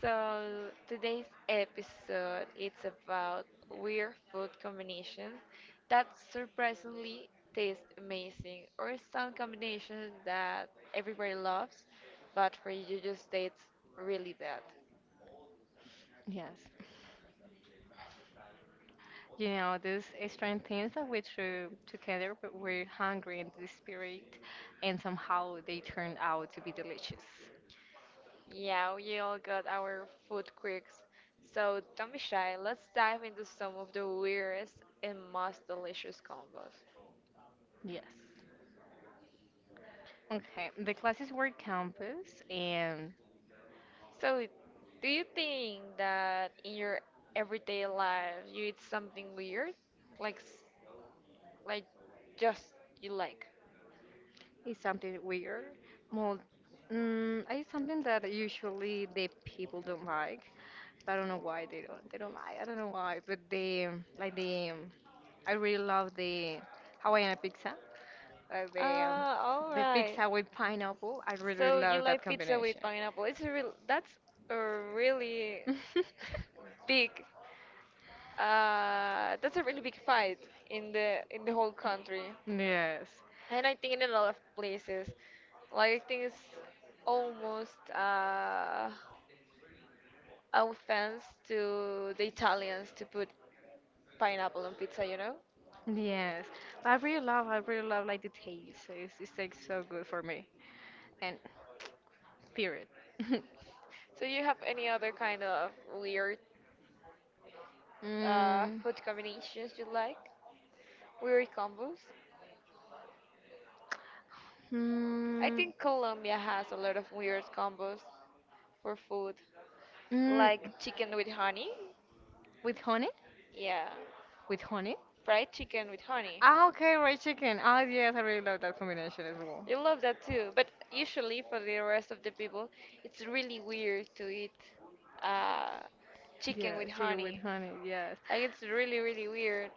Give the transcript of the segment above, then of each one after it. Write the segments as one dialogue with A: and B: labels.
A: So today's episode it's about weird food combinations that surprisingly taste amazing, or some combinations that everybody loves, but for you just tastes really bad.
B: yes. You know, these strange things that we threw together, but we're hungry and desperate, and somehow they turned out to be delicious.
A: Yeah, we all got our food quirks. So don't be shy. Let's dive into some of the weirdest and most delicious combos.
B: Yes. Okay, the classes were campus, and
A: So, do you think that in your everyday life you eat something weird, like like just you like?
B: it's something weird. Well, it's something that usually the people don't like. But I don't know why they don't. They don't like. I don't know why, but they like the. I really love the Hawaiian pizza. Or
A: Uh, all
B: the
A: right.
B: pizza with pineapple. I really
A: So you
B: love that
A: like pizza with
B: combination.
A: pineapple? It's a real. That's a really big. That's a really big fight in the whole country,
B: Yes.
A: and I think in a lot of places. Like I think it's almost offense to the Italians to put pineapple on pizza, you know?
B: Yes. But I really love like the taste. So it's like so good for me. And period.
A: So you have any other kind of weird
B: Mm.
A: food combinations you like? Weird combos? I
B: Mm.
A: think Colombia has a lot of weird combos for food,
B: Mm.
A: like chicken with honey.
B: With honey? With honey?
A: Yeah,
B: With honey?
A: fried chicken with honey.
B: Ah, okay, fried chicken. Ah, yes, I really love that combination as well.
A: You love that too, but usually for the rest of the people, it's really weird to eat uh, chicken
B: Yeah,
A: with
B: chicken with
A: honey.
B: honey, yes.
A: Like it's really, really weird.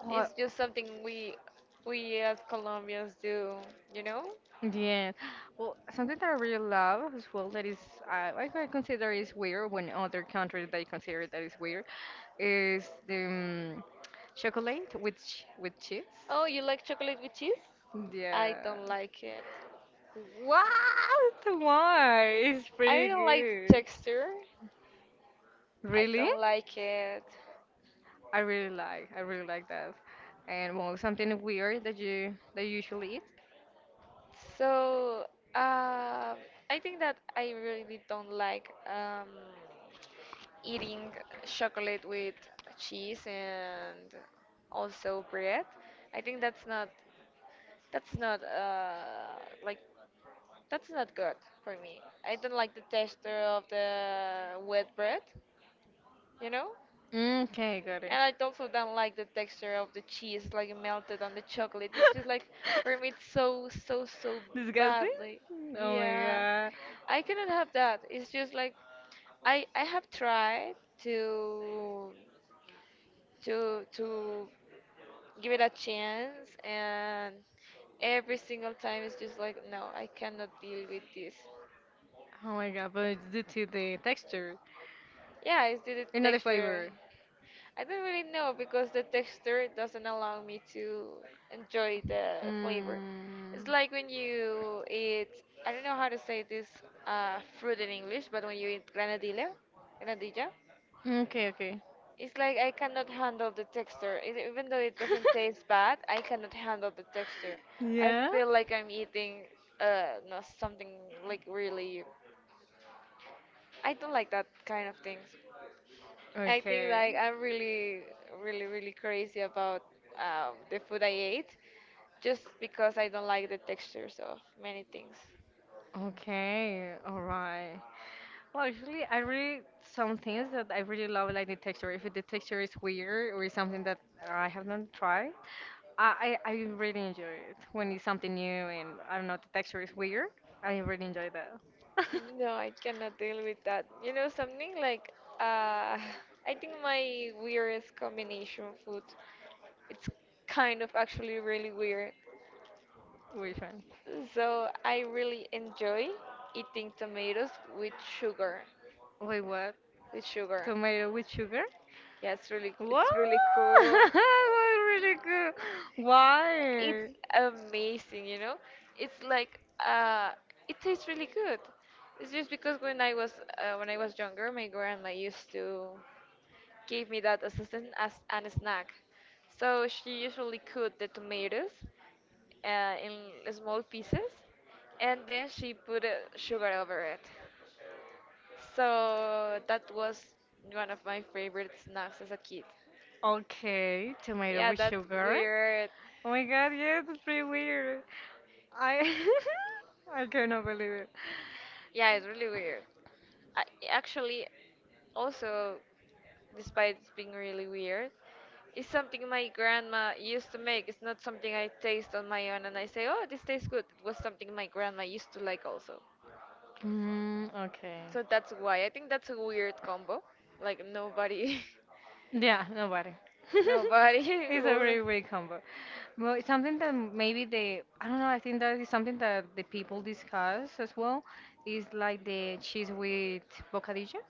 B: Oh,
A: It's just something we as Colombians do, you know?
B: yes. Well, something that I really love as well that is, I could consider is weird when other countries they consider that is weird is the um, chocolate with ch with cheese.
A: Oh, you like chocolate with cheese? I
B: Yeah.
A: don't like it.
B: What? Why? It's
A: I
B: pretty
A: don't like the
B: good.
A: texture. I
B: Really?
A: don't like it.
B: I really like. I really like that. And well, something weird that you usually eat.
A: So uh, I think that I really don't like eating chocolate with cheese and also bread. I think that's not like that's not good for me. I don't like the texture of the wet bread, you know.
B: Okay, got it.
A: And I also don't like the texture of the cheese, like melted on the chocolate. It's just like for me, it's so so so
B: Disgusting?
A: badly.
B: Oh my
A: Yeah,
B: god.
A: I cannot have that. It's just like I have tried to to give it a chance, and every single time it's just like no, I cannot deal with this.
B: Oh my god, but it's due to the texture.
A: Yeah, it's the
B: Another
A: texture.
B: flavor.
A: I don't really know because the texture doesn't allow me to enjoy the flavor. It's
B: Mm.
A: like when you eat, I don't know how to say this fruit in English, but when you eat granadilla,
B: Okay, okay.
A: it's like I cannot handle the texture. It, even though it doesn't taste bad, I cannot handle the texture. I
B: yeah?
A: feel like I'm eating no, something like really. I don't like that kind of things. I think
B: Okay.
A: like I'm really, really, really crazy about the food I ate, just because I don't like the textures of many things.
B: Okay, all right. Well, actually, I really some things that I really love, like the texture. If the texture is weird or is something that I have not tried, I really enjoy it when it's something new and I don't know, the texture is weird. I really enjoy that.
A: No, I cannot deal with that. You know something like uh, I think my weirdest combination food. It's kind of actually really weird.
B: Which one?
A: So I really enjoy eating tomatoes with sugar.
B: Wait, what?
A: With sugar.
B: Tomato with sugar?
A: Yeah,
B: What?
A: it's really cool.
B: really good.
A: It's
B: Why?
A: amazing, you know. It's like uh, it tastes really good. It's just because when I was younger, my grandma used to give me that as a, as an snack. So she usually cut the tomatoes in small pieces, and then she put sugar over it. So that was one of my favorite snacks as a kid.
B: Okay, tomato
A: Yeah,
B: with
A: that's
B: sugar.
A: weird.
B: Oh my god, yes, it's pretty weird. I I cannot believe it.
A: Yeah, it's really weird. I, actually, also, despite it being really weird, it's something my grandma used to make. It's not something I taste on my own and I say, oh, this tastes good. It was something my grandma used to like also.
B: Mm, okay.
A: So that's why. I think that's a weird combo. Like nobody,
B: Yeah, nobody.
A: nobody
B: It's a
A: will.
B: really weird combo. Well, it's something that maybe they, I don't know, I think that is something that the people discuss as well, is like the cheese with bocadillo.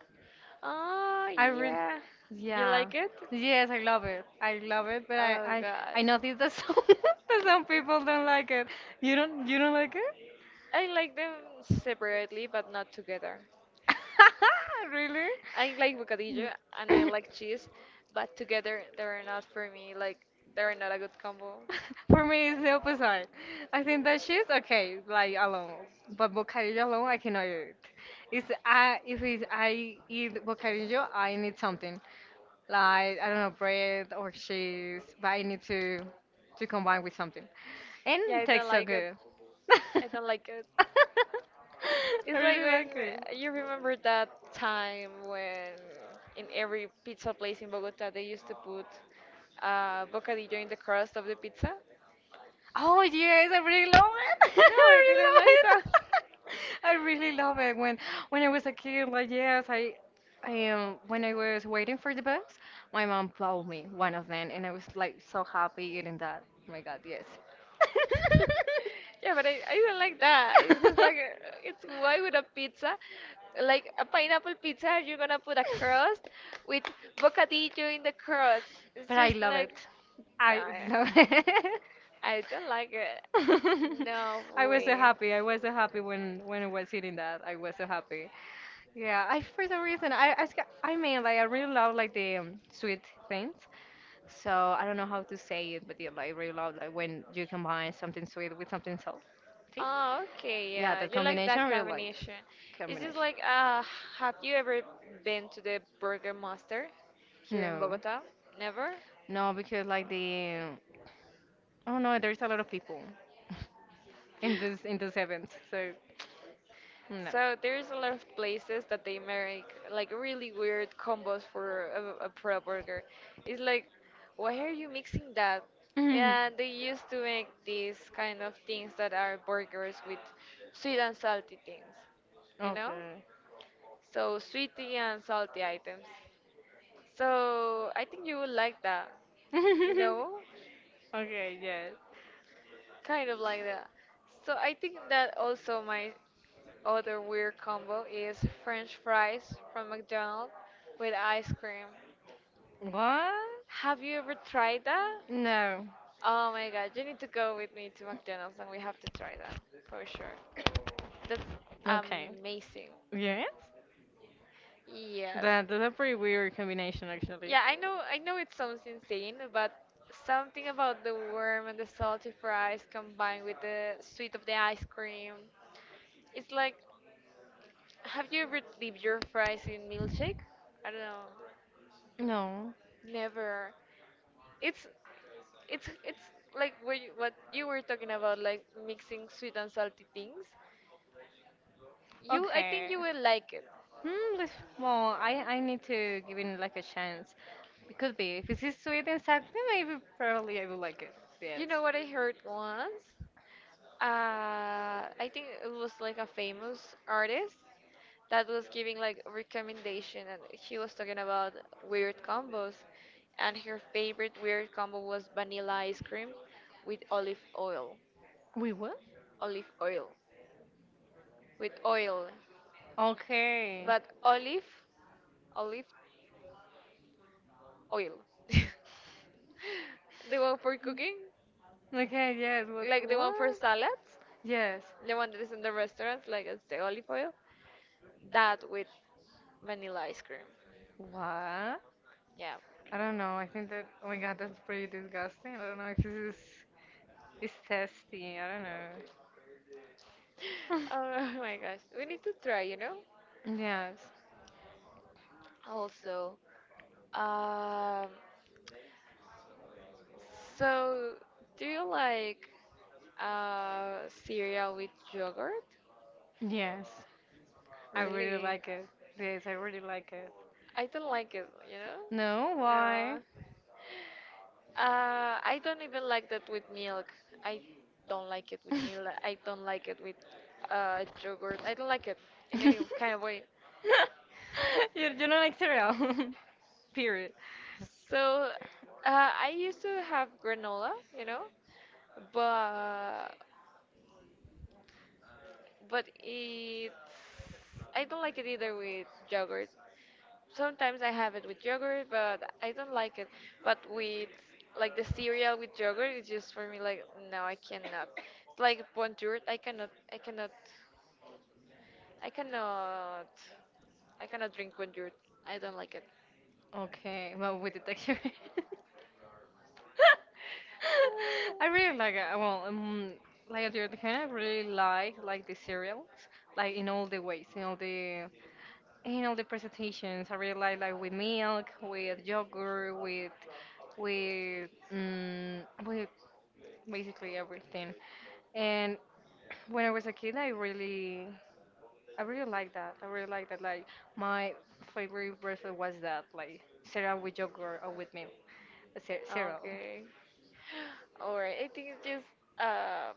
A: Oh,
B: I read,
A: yeah. You
B: yeah.
A: like it?
B: Yes, I love it. I love it, but
A: Oh,
B: I
A: gosh.
B: noticed that some, that some people don't like it. You don't like
A: I like them separately, but not together.
B: it? Really?
A: I like bocadillo and I like cheese, but together they're not for me. Like, they're not a good combo.
B: For me, it's the opposite. I think that she's okay, like alone. But bocadillo alone, I cannot eat it. It's, I, if it's, I eat bocadillo, I need something. Like, I don't know, bread or cheese, but I need to combine with something. And
A: Yeah,
B: it
A: I don't
B: tastes so
A: like it.
B: good. I
A: I don't like it. It's like
B: really
A: when
B: like it.
A: you remember that time when in every pizza place in Bogota they used to put bocadillo in the crust of the pizza.
B: Oh yes, I really love it.
A: No,
B: I
A: I
B: really
A: didn't
B: love
A: like
B: it.
A: that.
B: I really love it. When I was a kid, like yes, I am when I was waiting for the bus, my mom bought me one of them and I was like so happy eating that. Oh my God, yes.
A: Yeah, but I didn't like that. It's just like it's why would a pizza, like a pineapple pizza, you're gonna put a crust with bocadillo in the crust. It's
B: But I
A: just
B: love
A: like
B: it. I love
A: uh,
B: it.
A: I don't like it. No
B: I was so
A: way.
B: happy. I was so happy when I was eating that. I was so happy. Yeah, I for some reason I mean like I really love like the sweet things. So I don't know how to say it, but yeah, like I really love like when you combine something sweet with something salty.
A: Oh, okay,
B: Yeah,
A: yeah.
B: that
A: You like
B: combination
A: that
B: I really like
A: combination. It's just
B: combination.
A: like, have you ever been to the Burger Master here in
B: No,
A: Bogota? Never?
B: no, because like the I don't know. There's a lot of people in this in this event, so no.
A: So there's a lot of places that they make like really weird combos for a pro burger. It's like, why are you mixing that?
B: Mhm.
A: And they used to make these kind of things that are burgers with sweet and salty things, you know?
B: Okay.
A: So sweetie and salty items. So I think you would like that, you know,
B: okay, yes.
A: kind of like that. So I think that also my other weird combo is French fries from McDonald's with ice cream.
B: What?
A: Have you ever tried that?
B: No.
A: Oh my god, you need to go with me to McDonald's and we have to try that for sure. That's
B: Okay.
A: amazing.
B: Yes?
A: Yes.
B: That, that's a pretty weird combination, actually.
A: Yeah, I know it sounds insane, but something about the warm and the salty fries combined with the sweet of the ice cream. It's like have you ever dipped your fries in milkshake? I don't know.
B: No.
A: Never. It's it's like what you were talking about like mixing sweet and salty things. You I think
B: Okay.
A: you will like it.
B: Hmm, this, well, I need to give it like a chance. It could be. If it is sweet and salty, maybe probably I will like it. Yes.
A: You know what I heard once? I think it was like a famous artist that was giving like recommendation, and she was talking about weird combos, and her favorite weird combo was vanilla ice cream with
B: We will?
A: olive oil, with oil,
B: Okay.
A: but olive, olive oil, the one for cooking,
B: Okay, yes, what
A: like the one for
B: what?
A: salads.
B: Yes.
A: The one that is in the restaurant, like it's the olive oil. That with vanilla ice cream.
B: What? I
A: Yeah.
B: don't know. I think that oh my god, that's pretty disgusting. I don't know if this is tasty. I don't know.
A: Oh my gosh. We need to try, you know?
B: Yes.
A: Also, um, so do you like cereal with yogurt?
B: Yes. I really
A: Really?
B: like it. Yes, I really like it.
A: I don't like it, you
B: No,
A: know?
B: why? you
A: No. I don't even like that with milk. I don't like it with milk. I don't like it with yogurt. I don't like it in any kind of way.
B: you don't like cereal. Period.
A: So I used to have granola, you know, but but it I don't like it either with yogurt. Sometimes I have it with yogurt, but I don't like it. But with like the cereal with yogurt, it's just for me like no, I cannot. It's like bonjour, I cannot. I cannot drink when you're. I don't like it.
B: Okay, well, with the texture. I really like it. Well, like at your kind, I really like the cereals, like in all the ways, in all the presentations. I really like with milk, with yogurt, with basically everything. And when I was a kid, I really liked that. I really liked that. Like my favorite breakfast was that, like cereal with yogurt or with milk. Ze- Zero.
A: Okay. Or I think it's just uh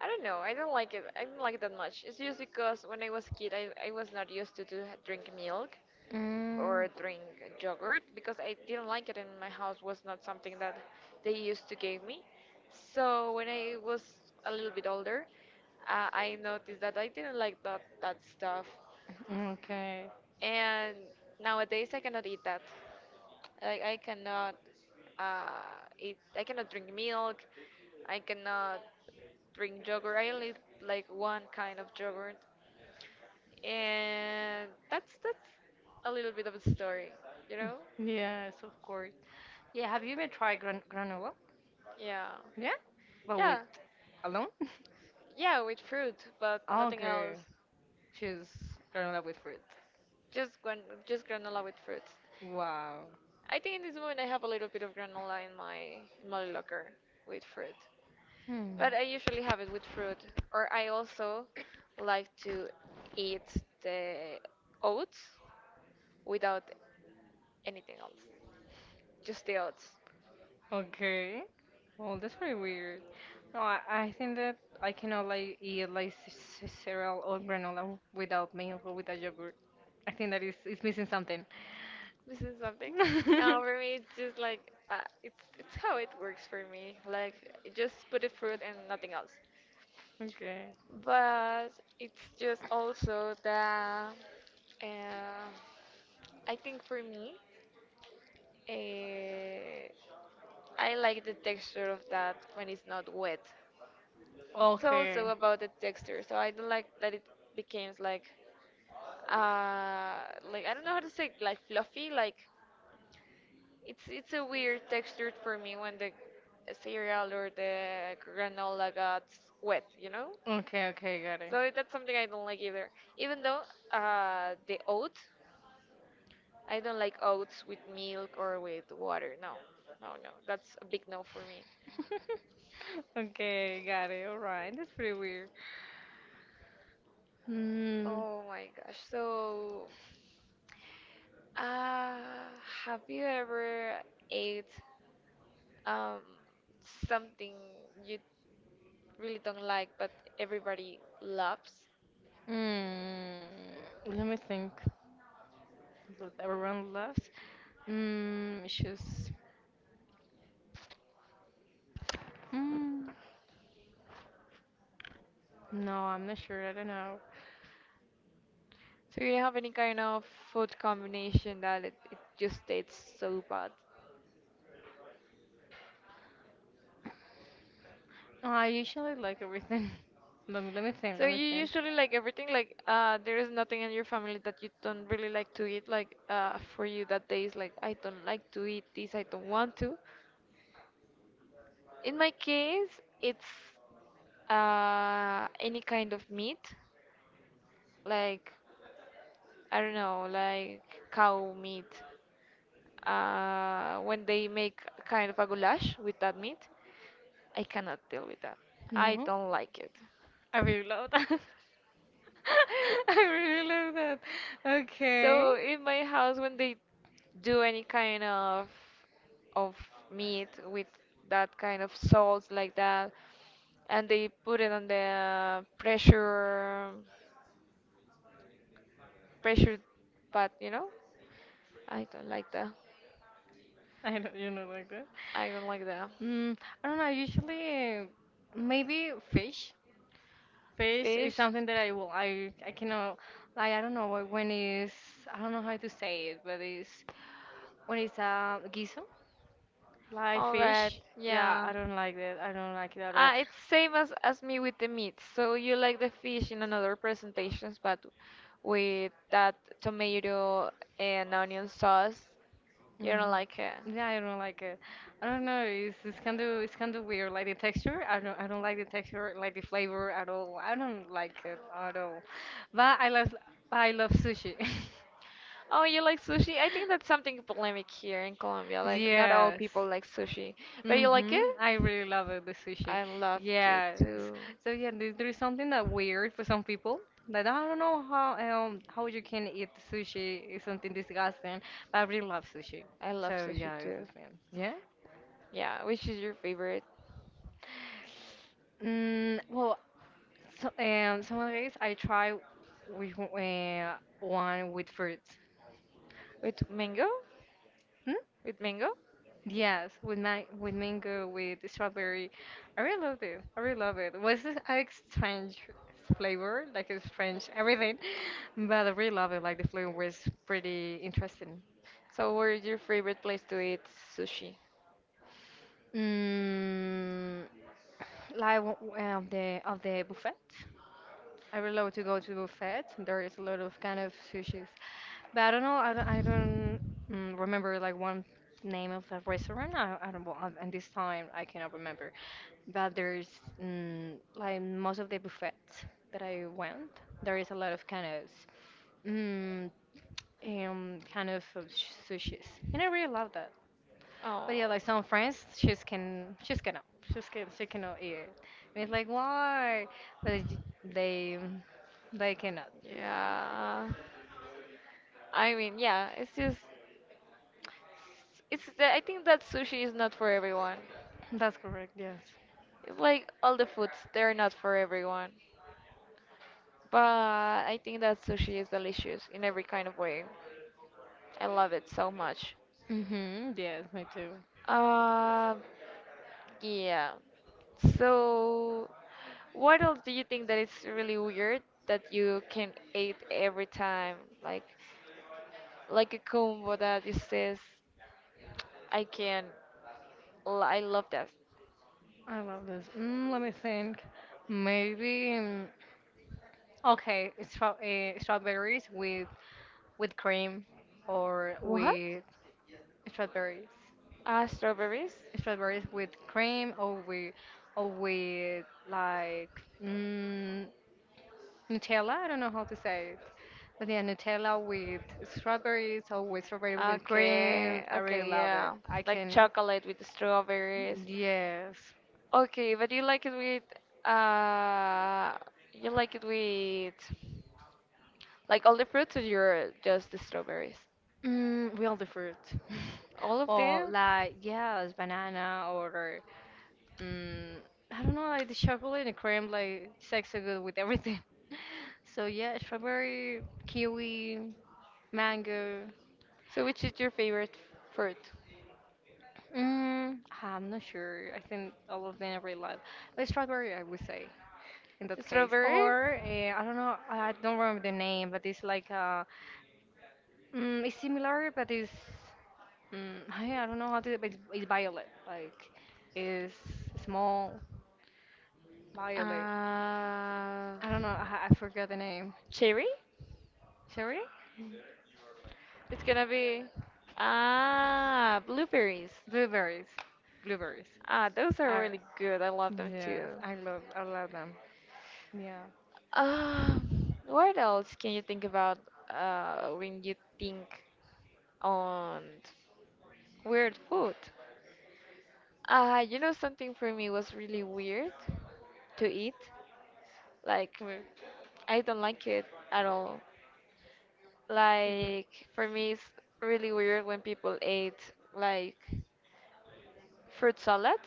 A: I don't know. I don't like it. I don't like it that much. It's just because when I was a kid, I was not used to drink milk
B: Mm.
A: or drink yogurt because I didn't like it and my house was not something that they used to give me. So when I was a little bit older, I noticed that I didn't like that stuff
B: Okay.
A: and nowadays I cannot eat that. Like I cannot eat. I cannot drink milk. I cannot drink yogurt. I only like one kind of yogurt, and that's a little bit of a story, you know?
B: Yes, of course. Yeah, have you even tried gran granola?
A: Yeah,
B: Yeah. But with
A: yeah,
B: alone?
A: yeah. With fruit, but nothing
B: Okay.
A: else.
B: She's granola with fruit.
A: Just just granola with fruits.
B: Wow.
A: I think in this moment I have a little bit of granola in my locker with fruit.
B: Hmm.
A: But I usually have it with fruit, or I also like to eat the oats without anything else, just the oats.
B: Okay. Well, that's pretty weird. No, I think that I cannot like eat like cereal or granola without milk or without yogurt. I think that is it's missing something.
A: This is something. Now for me, it's just like it's how it works for me. Like just put the fruit and nothing else.
B: Okay.
A: But it's just also the. Uh, I think for me, uh, I like the texture of that when it's not wet. It's
B: Okay.
A: also about the texture, so I don't like that it becomes uh, like I don't know how to say, like fluffy. Like it's a weird texture for me when the cereal or the granola got wet, you know.
B: Okay, okay, got it.
A: So that's something I don't like either. Even though the oat, I don't like oats with milk or with water. No, no, no. That's a big no for me.
B: Okay, got it. All right. That's pretty weird. Mm,
A: Oh my gosh. So. Uh, have you ever ate um something you really don't like but everybody loves?
B: mm, let me think. Everyone loves. Mm, shoes. Mm. No, I'm not sure. I don't know.
A: So you have any kind of food combination that it just tastes so bad?
B: Oh, I usually like everything. Let me think.
A: So
B: Let me
A: you
B: think.
A: usually like everything like there is nothing in your family that you don't really like to eat like for you that day is like I don't like to eat this I don't want to. In my case, it's any kind of meat. Like I don't know, like cow meat. When they make kind of a goulash with that meat, I cannot deal with that. I
B: No,
A: don't like it.
B: I really love that. I really love that. Okay,
A: So in my house, when they do any kind of meat with that kind of salt like that, and they put it on the pressure pot. I don't like that.
B: I don't. You know, like that.
A: I don't like that.
B: Mm, I don't know. Usually, maybe fish. Fish is
A: Fish.
B: something that I will. I cannot. Like I don't know what- when is. I don't know how to say it, but it's when it's a guiso. Live
A: All right.
B: fish? Yeah,
A: Yeah.
B: I don't like that. I don't like it at all.
A: Ah, it's same as me with the meat. So you like the fish in another presentations, but with that tomato and onion sauce, you don't
B: Mhm.
A: like it.
B: Yeah, I don't like it. I don't know. It's kind of weird. Like the texture, I don't like the texture, like the flavor at all. I don't like it at all. But I love sushi.
A: Oh, you like sushi? I think that's something polemic here in Colombia. Like not all
B: Yes,
A: people like sushi, but you like it?
B: Mm-hmm. I really love it, the sushi.
A: I loved it
B: Yes.
A: too.
B: So yeah, there- there's something that weird for some people that I don't know how you can eat sushi is something disgusting, but I really love sushi.
A: I love
B: So
A: sushi
B: yeah, it's
A: too.
B: this man. Yeah.
A: Yeah, which is your favorite?
B: Mm, well, so, some of the days I try with one with fruits.
A: With mango?
B: Hmm?
A: With mango?
B: Yes, with man with mango, with strawberry. I really loved it. I really love it. Was it a strange flavor, like a strange everything, but I really love it. Like the flavor was pretty interesting.
A: So where is your favorite place to eat sushi?
B: Mm, like w- the of the buffet. I really love to go to buffet. There is a lot of kind of sushis, but I don't know. I don't remember like one name of a restaurant. I don't. Know, At this time, I cannot remember. But there's like most of the buffets that I went, there is a lot of kind of mm, kind of sushis, and I really love that.
A: Oh,
B: But yeah, like some friends, she's can she's cannot she's can she cannot eat it, and it's like why? But it- they cannot.
A: yeah. I mean, yeah, it's just it's the, I think that sushi is not for everyone.
B: That's correct. Yes.
A: It's like all the foods, they're not for everyone. But I think that sushi is delicious in every kind of way. I love it so much.
B: Mhm. Yes, me too.
A: Uh, yeah. So, what else do you think that is really weird that you can eat every time? Like, like a combo that it says, I can, I love that.
B: I love this. Mm, let me think.
A: Okay,
B: Maybe okay, stra- strawberries with cream or
A: what?
B: with strawberries.
A: Ah, strawberries?
B: Strawberries with cream or with like mm, Nutella. I don't know how to say it, but yeah, Nutella with strawberries or with strawberry with
A: Okay,
B: cream. I really
A: okay,
B: love it.
A: yeah.
B: I
A: Like
B: can.
A: chocolate with strawberries.
B: Yes.
A: Okay, but uh you like it with like all the fruits or you're just the strawberries?
B: Mm, real the fruit.
A: All of
B: Or
A: them?
B: like yes, banana or Mm, I don't know, like the chocolate and cream, like it's like so good with everything. So yeah, strawberry, kiwi, mango.
A: So, which is your favorite fruit?
B: Mm, ah, I'm not sure. I think all of them I really love. But strawberry, I would say in that case.
A: Strawberry,
B: Or I don't know, I don't remember the name, but it's like it's similar, but it's I don't know how to, but it's violet. Like it's small violet.
A: uh,
B: I don't know. I forgot the name.
A: cherry.
B: Sorry?
A: It's gonna be blueberries.
B: Blueberries. Blueberries.
A: Ah, those are
B: Are,
A: really good. I love them
B: yes,
A: too.
B: I love them. Yeah.
A: What else can you think about when you think on weird food? You know something for me was really weird to eat. Like
B: We,
A: I don't like it at all.
B: we grew-
A: Like for me, it's really weird when people ate like fruit salad,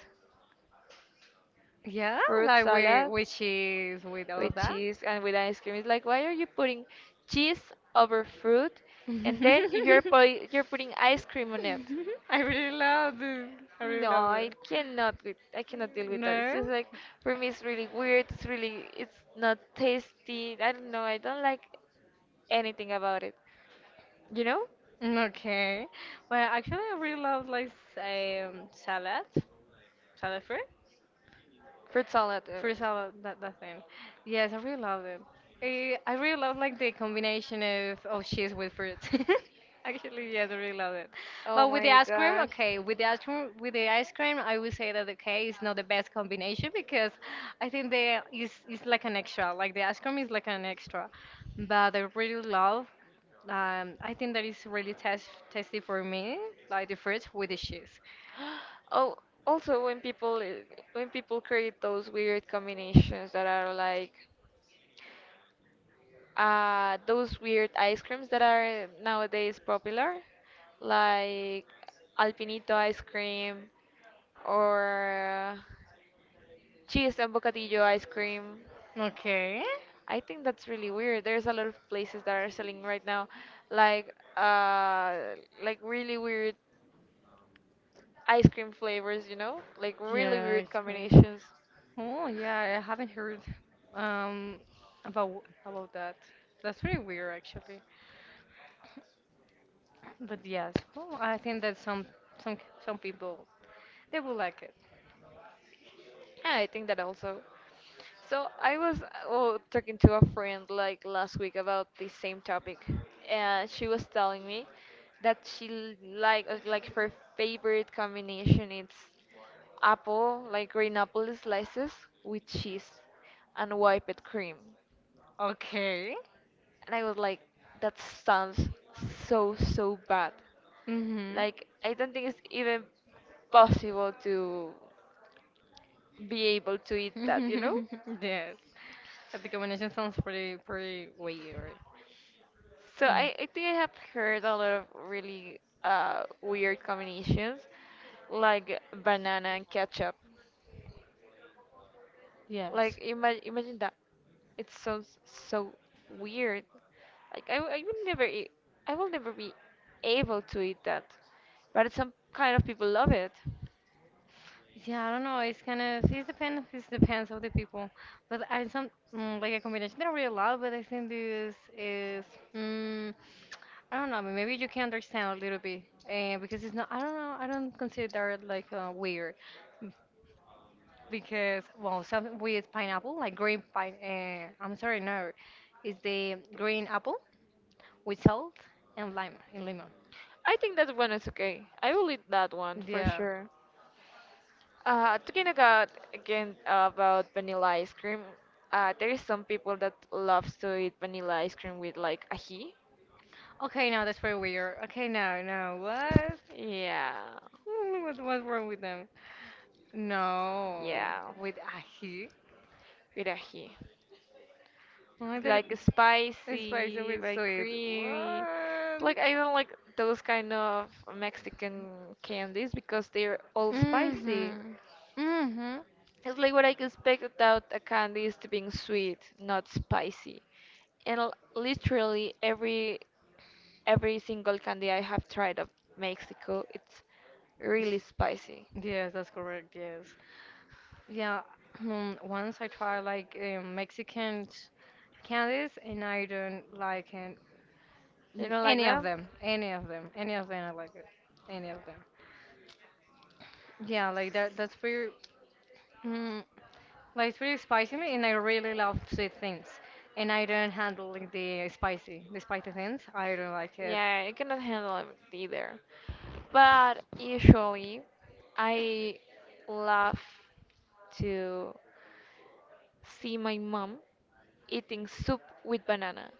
B: yeah,
A: fruit
B: like we
A: salad
B: with cheese with all
A: with
B: of that.
A: cheese and with ice cream. It's like why are you putting cheese over fruit, and then you're putting ice cream on it?
B: I really love this. I really
A: No,
B: love it.
A: I cannot deal with that. It's
B: No?
A: just like for me, it's really weird. It's not tasty. I don't know. I don't like anything about it. You know?
B: Okay. Well, actually, I really love like salad fruit.
A: Fruit salad.
B: Fruit salad, that, that thing. Yes, I really love it. Eh, I really love like the combination of cheese with fruit. Actually, yes, I really love it.
A: Oh
B: But with the
A: my
B: ice cream,
A: gosh.
B: okay, with the ice cream, with the ice cream, I would say that okay, it's not the best combination because I think the is like an extra. Like the ice cream is like an extra. But I really love. I think that is really test tasty for me, like the fruit with the cheese.
A: Oh, also when when people create those weird combinations that are like those weird ice creams that are nowadays popular, like Alpinito ice cream or cheese and bocadillo ice cream.
B: Okay.
A: I think that's really weird. There's a lot of places that are selling right now, like uh, like really weird ice cream flavors, like really
B: Yeah,
A: weird
B: actually.
A: combinations.
B: Oh yeah, I haven't heard um about that. That's very weird actually. But yes, well, I think that some some people they will like it.
A: Yeah, I think that also. So I was oh, talking to a friend like last week about the same topic, and she was telling me that she like her favorite combination it's apple like green apple slices with cheese and whipped cream,
B: Okay.
A: and I was like that sounds so so bad.
B: Mhm.
A: Like I don't think it's even possible to be able to eat that, you know?
B: Yes. The combination sounds pretty pretty weird.
A: So
B: Mm.
A: I think I have heard a lot of really weird combinations, like banana and ketchup. Like
B: Yes.
A: imagine that. It sounds so weird. Like I will never be able to eat that. But some kind of people love it.
B: Yeah, I don't know. It's kind of it depends. It depends of the people, but I some like a combination that I really love. But I think this is mm, I don't know. Maybe you can understand a little bit because it's not. I don't know. I don't consider it like weird b- because well, something with pineapple, like green pine. I'm sorry, no, it's the green apple with salt and lime and lemon.
A: I think that one is okay. I will eat that one for
B: Yeah.
A: sure. Talking about again about vanilla ice cream, there is some people that loves to eat vanilla ice cream with like ají.
B: Okay, no, that's very weird. Okay, no, no, what?
A: Yeah,
B: What's wrong with them? No,
A: yeah,
B: with ají.
A: with ají.
B: Oh,
A: It's
B: that
A: like
B: is spicy
A: spicy,
B: with
A: very
B: sweet.
A: creamy.
B: What?
A: Like I don't like those kind of Mexican candies because they're all spicy.
B: Mm-hmm. Mm-hmm.
A: It's like what I could expect without a candy is to being sweet, not spicy. And literally every single candy I have tried of Mexico, it's really spicy.
B: Yes, that's correct. Yes. Yeah. Once I tried like Mexican candies, and I don't like
A: You don't like
B: any of
A: them?
B: them. Any of them. Any of them. I like it. Any of them. Yeah, like that. That's pretty. mm, Like it's pretty spicy me, and I really love sweet things. And I don't handle like, the spicy things. I don't like it.
A: Yeah, I cannot handle it either. But usually, I love to see my mom eating soup with banana,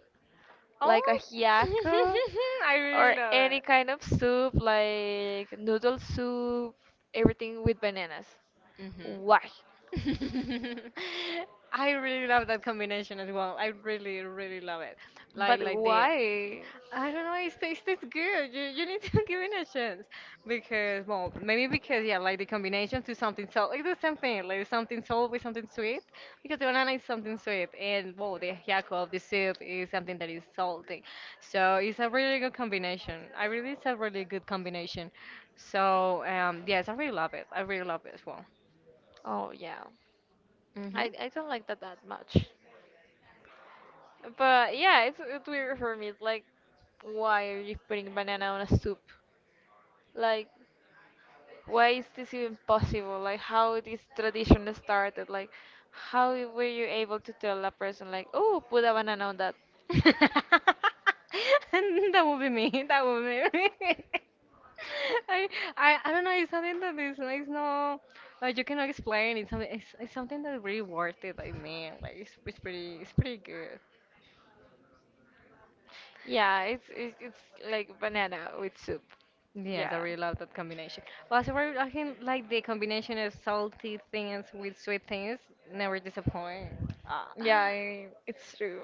B: Oh
A: like a
B: my!
A: ajiaco
B: I really
A: or
B: love
A: any
B: it.
A: kind of soup, like noodle soup, everything with bananas.
B: Mhm.
A: Why?
B: I really love that combination as well. Really love it. Like,
A: But why?
B: I don't know. It tastes good. You need to give it a chance because, well, maybe because yeah, like the combination to something salt, like the same thing, like something salt with something sweet. Because the banana is something sweet, and well, the ajiaco of the soup is something that is salty. So it's a really good combination. It's a really good combination. So yes, I really love it. I really love it as well.
A: Oh yeah,
B: Hmm.
A: I don't like that that much. But yeah, it's weird for me. It's like, why are you putting banana on a soup? Like, why is this even possible? Like, how this tradition started? Like, how were you able to tell a person like, oh, put a banana on that?
B: That would be me. That would be me. I, I don't know. It's something that is like no, like you cannot explain. It's something. It's something that really worth it. I mean, like it's pretty. It's pretty good.
A: Yeah, it's like banana with soup.
B: Yes, I
A: Yeah,
B: really love that combination. Well, so I think like the combination of salty things with sweet things never disappoint. Ah.
A: yeah, it's true,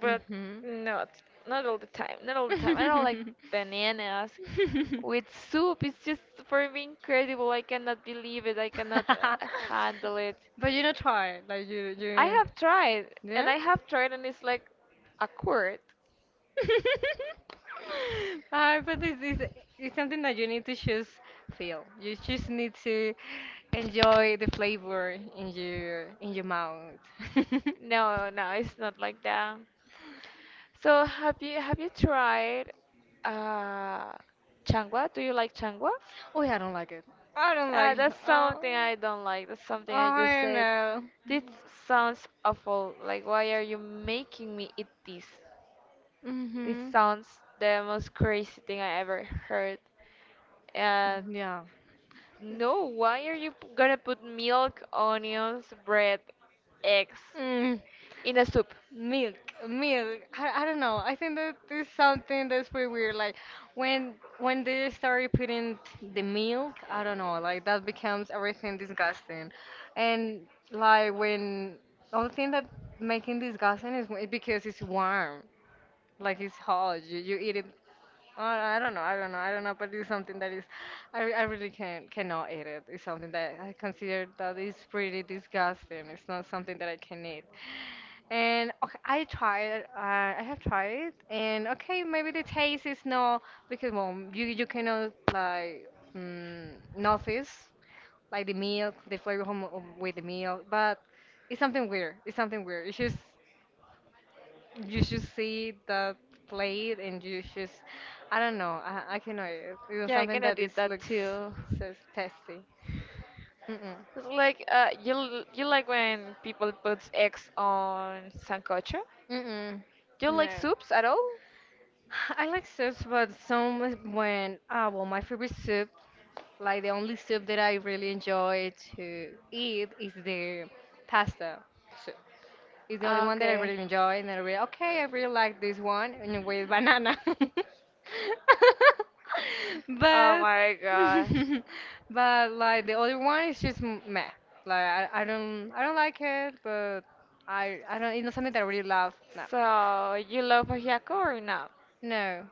A: but
B: Mhm.
A: not not all the time. Not all the time. I don't like bananas with soup. It's just for me incredible. I cannot believe it. I cannot handle it.
B: But you not tired, like you
A: I
B: you
A: have tried, and
B: yes.
A: I have tried, and it's like a quart.
B: Ah, but this is it's something that you need to just feel. You just need to enjoy the flavor in your mouth.
A: No, no, it's not like that. So have you tried uh changwa? Do you like changwa?
B: Oh yeah, I don't like it. I don't
A: Uh,
B: like it.
A: that's
B: Oh,
A: something I don't like. That's something I just
B: I
A: said.
B: know.
A: This sounds awful. Like, why are you making me eat this? This
B: Mhm.
A: sounds the most crazy thing I ever heard. Uh,
B: Yeah.
A: no, why are you gonna put milk, onions, bread, eggs
B: Mm.
A: in a soup?
B: Milk, milk. I don't know. I think that is something that's pretty weird. Like when they started putting the milk, I don't know. Like that becomes everything disgusting, and like when only thing that making disgusting is when- because it's warm. Like it's hot. You eat it. I don't know. I don't know. I don't know. But it's something that is. I really cannot eat it. It's something that I consider that is pretty disgusting. It's not something that I can eat. And okay, I tried. I have tried, and okay, maybe the taste is not because well, you cannot like notice like the milk, the flavor from, with the milk, but it's something weird. It's something weird. It's just you should see that plate, and you just I don't know. I cannot. It was
A: Yeah, I
B: something
A: kinda
B: that is
A: did that
B: looks
A: too.
B: so tasty. Mm-mm.
A: It's like you like when people puts eggs on sancocho?
B: Mm-mm.
A: Do you like
B: No.
A: soups at all?
B: I like soups, but some when ah well, my favorite soup. Like the only soup that I really enjoy to eat is the pasta soup. It's the only
A: Ah,
B: one that I
A: okay.
B: really enjoy, and I really okay, I really like this one and with banana.
A: Oh
B: But
A: my god.
B: but like the other one is just meh. Like I don't I don't like it, but I don't it's not something that I really love. No.
A: So you love ajiaco or not?
B: No.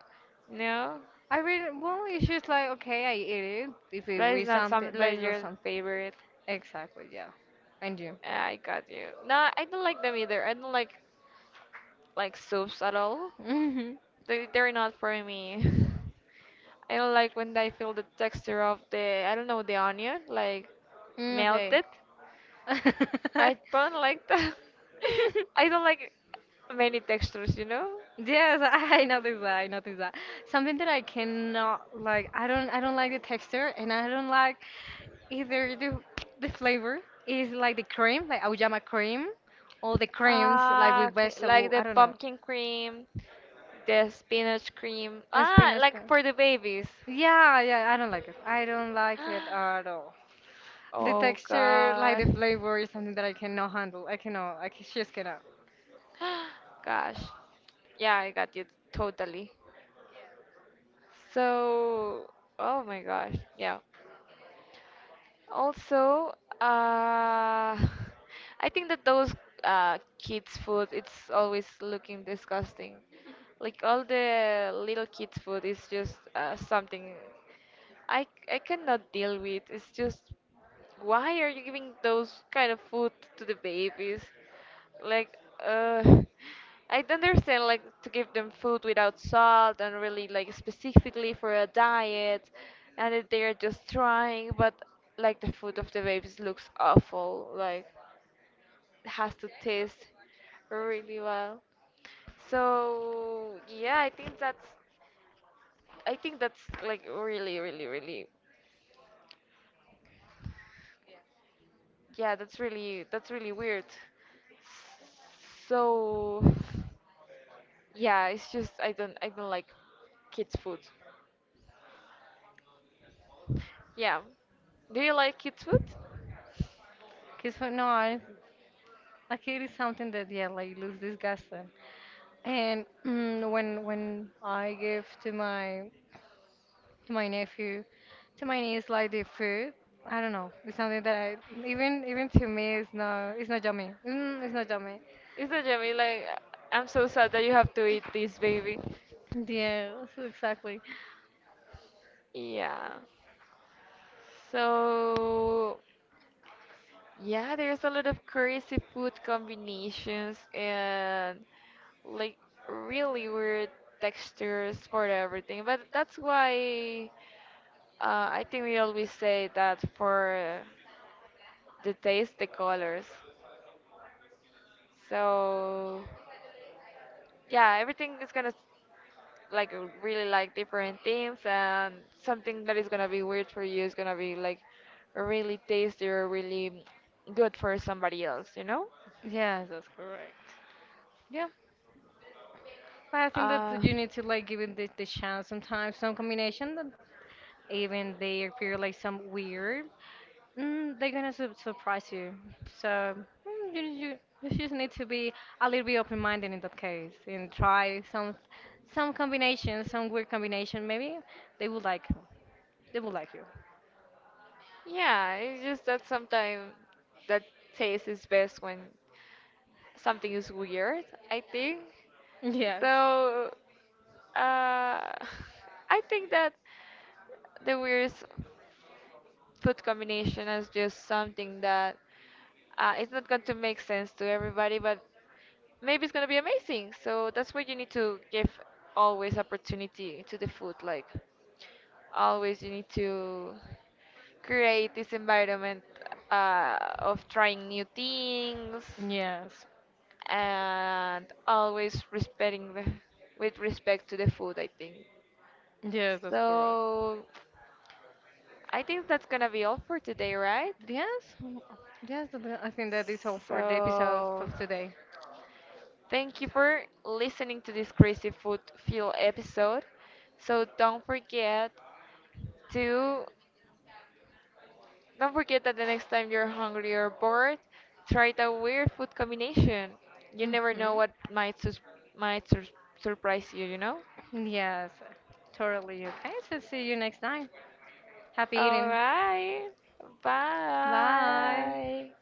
A: No,
B: I really well it's just like okay I eat it if it
A: that is
B: was
A: not
B: something
A: something
B: but
A: like
B: it's not
A: your
B: something
A: favorite.
B: exactly yeah. And you?
A: I got you. No, I don't like them either. I don't like soups at all.
B: Mhm.
A: They're not for me. I don't like when I feel the texture of the I don't know the onion like
B: Mm, okay.
A: melted. I don't like that. I don't like many textures, you know.
B: Yes, I noticed that. I noticed that. Something that I cannot like. I don't. I don't like the texture, and I don't like either the flavor. Is like the cream, like auyama cream, or the creams like
A: Ah,
B: with
A: okay. Like
B: vegetable. I
A: the
B: don't know.
A: pumpkin cream, the spinach cream. Ah,
B: Spinach
A: like
B: cream.
A: for the babies.
B: Yeah, yeah. I don't like it. I don't like it at all. The
A: Oh
B: texture, like
A: god.
B: the flavor, is something that I cannot handle. I cannot. Just cannot.
A: Gosh. Yeah, I got you totally. So, oh my gosh. Yeah. Also, uh, I think that those kids' food it's always looking disgusting. Like all the little kids' food is just something I I cannot deal with. It's just why are you giving those kind of food to the babies? Like uh I don't understand, like, to give them food without salt and really like specifically for a diet and that they are just trying, but like the food of the babies looks awful. Like it has to taste really well. So yeah, I think that's like really really really, yeah, that's really weird. So yeah, it's just I don't like kids food. Yeah. Do you like kids food?
B: Cause for no, I like it is something that yeah, like looks disgusting. And when I give to my nephew, to my niece, like the food, I don't know. It's something that I even to me, it's not yummy. Mm, it's not yummy.
A: Is that Jamie like I'm so sad that you have to eat this baby.
B: Yeah, so exactly.
A: Yeah. So yeah, there's a lot of crazy food combinations and like really weird textures for everything. But that's why I think we always say that for the taste, the colors. So. Yeah, everything is gonna like really like different themes and something that is gonna be weird for you is gonna be like really tasty or really good for somebody else, you know?
B: Yes, that's correct. Yeah, but I think that
A: Uh,
B: you need to like give it the chance sometimes, some combination that even they appear like some weird, they're gonna su surprise you. So you you just need to be a little bit open-minded in that case and try some combination, some weird combination. Maybe they will like they will like you.
A: yeah, it's just that sometimes that taste is best when something is weird, I think.
B: Yes.
A: So, I think that. The weirdest food combination is just something that it's not going to make sense to everybody, but maybe it's going to be amazing. So that's where you need to give always opportunity to the food. Like, always you need to create this environment of trying new things
B: Yes.
A: and always with respect to the food, I think.
B: Yes, that's correct.
A: So I think that's gonna be all for today, right?
B: Yes. Yes, that- I think that is all for the episode
A: So,
B: of today.
A: thank you for listening to this crazy food fuel episode. So to don't forget that the next time you're hungry or bored, try the weird food combination. You never
B: Hmm.
A: know what might might sur- surprise you, you know?
B: Yes, totally. Okay, so see you next time. Happy
A: All
B: eating.
A: right.
B: Bye.
A: Bye.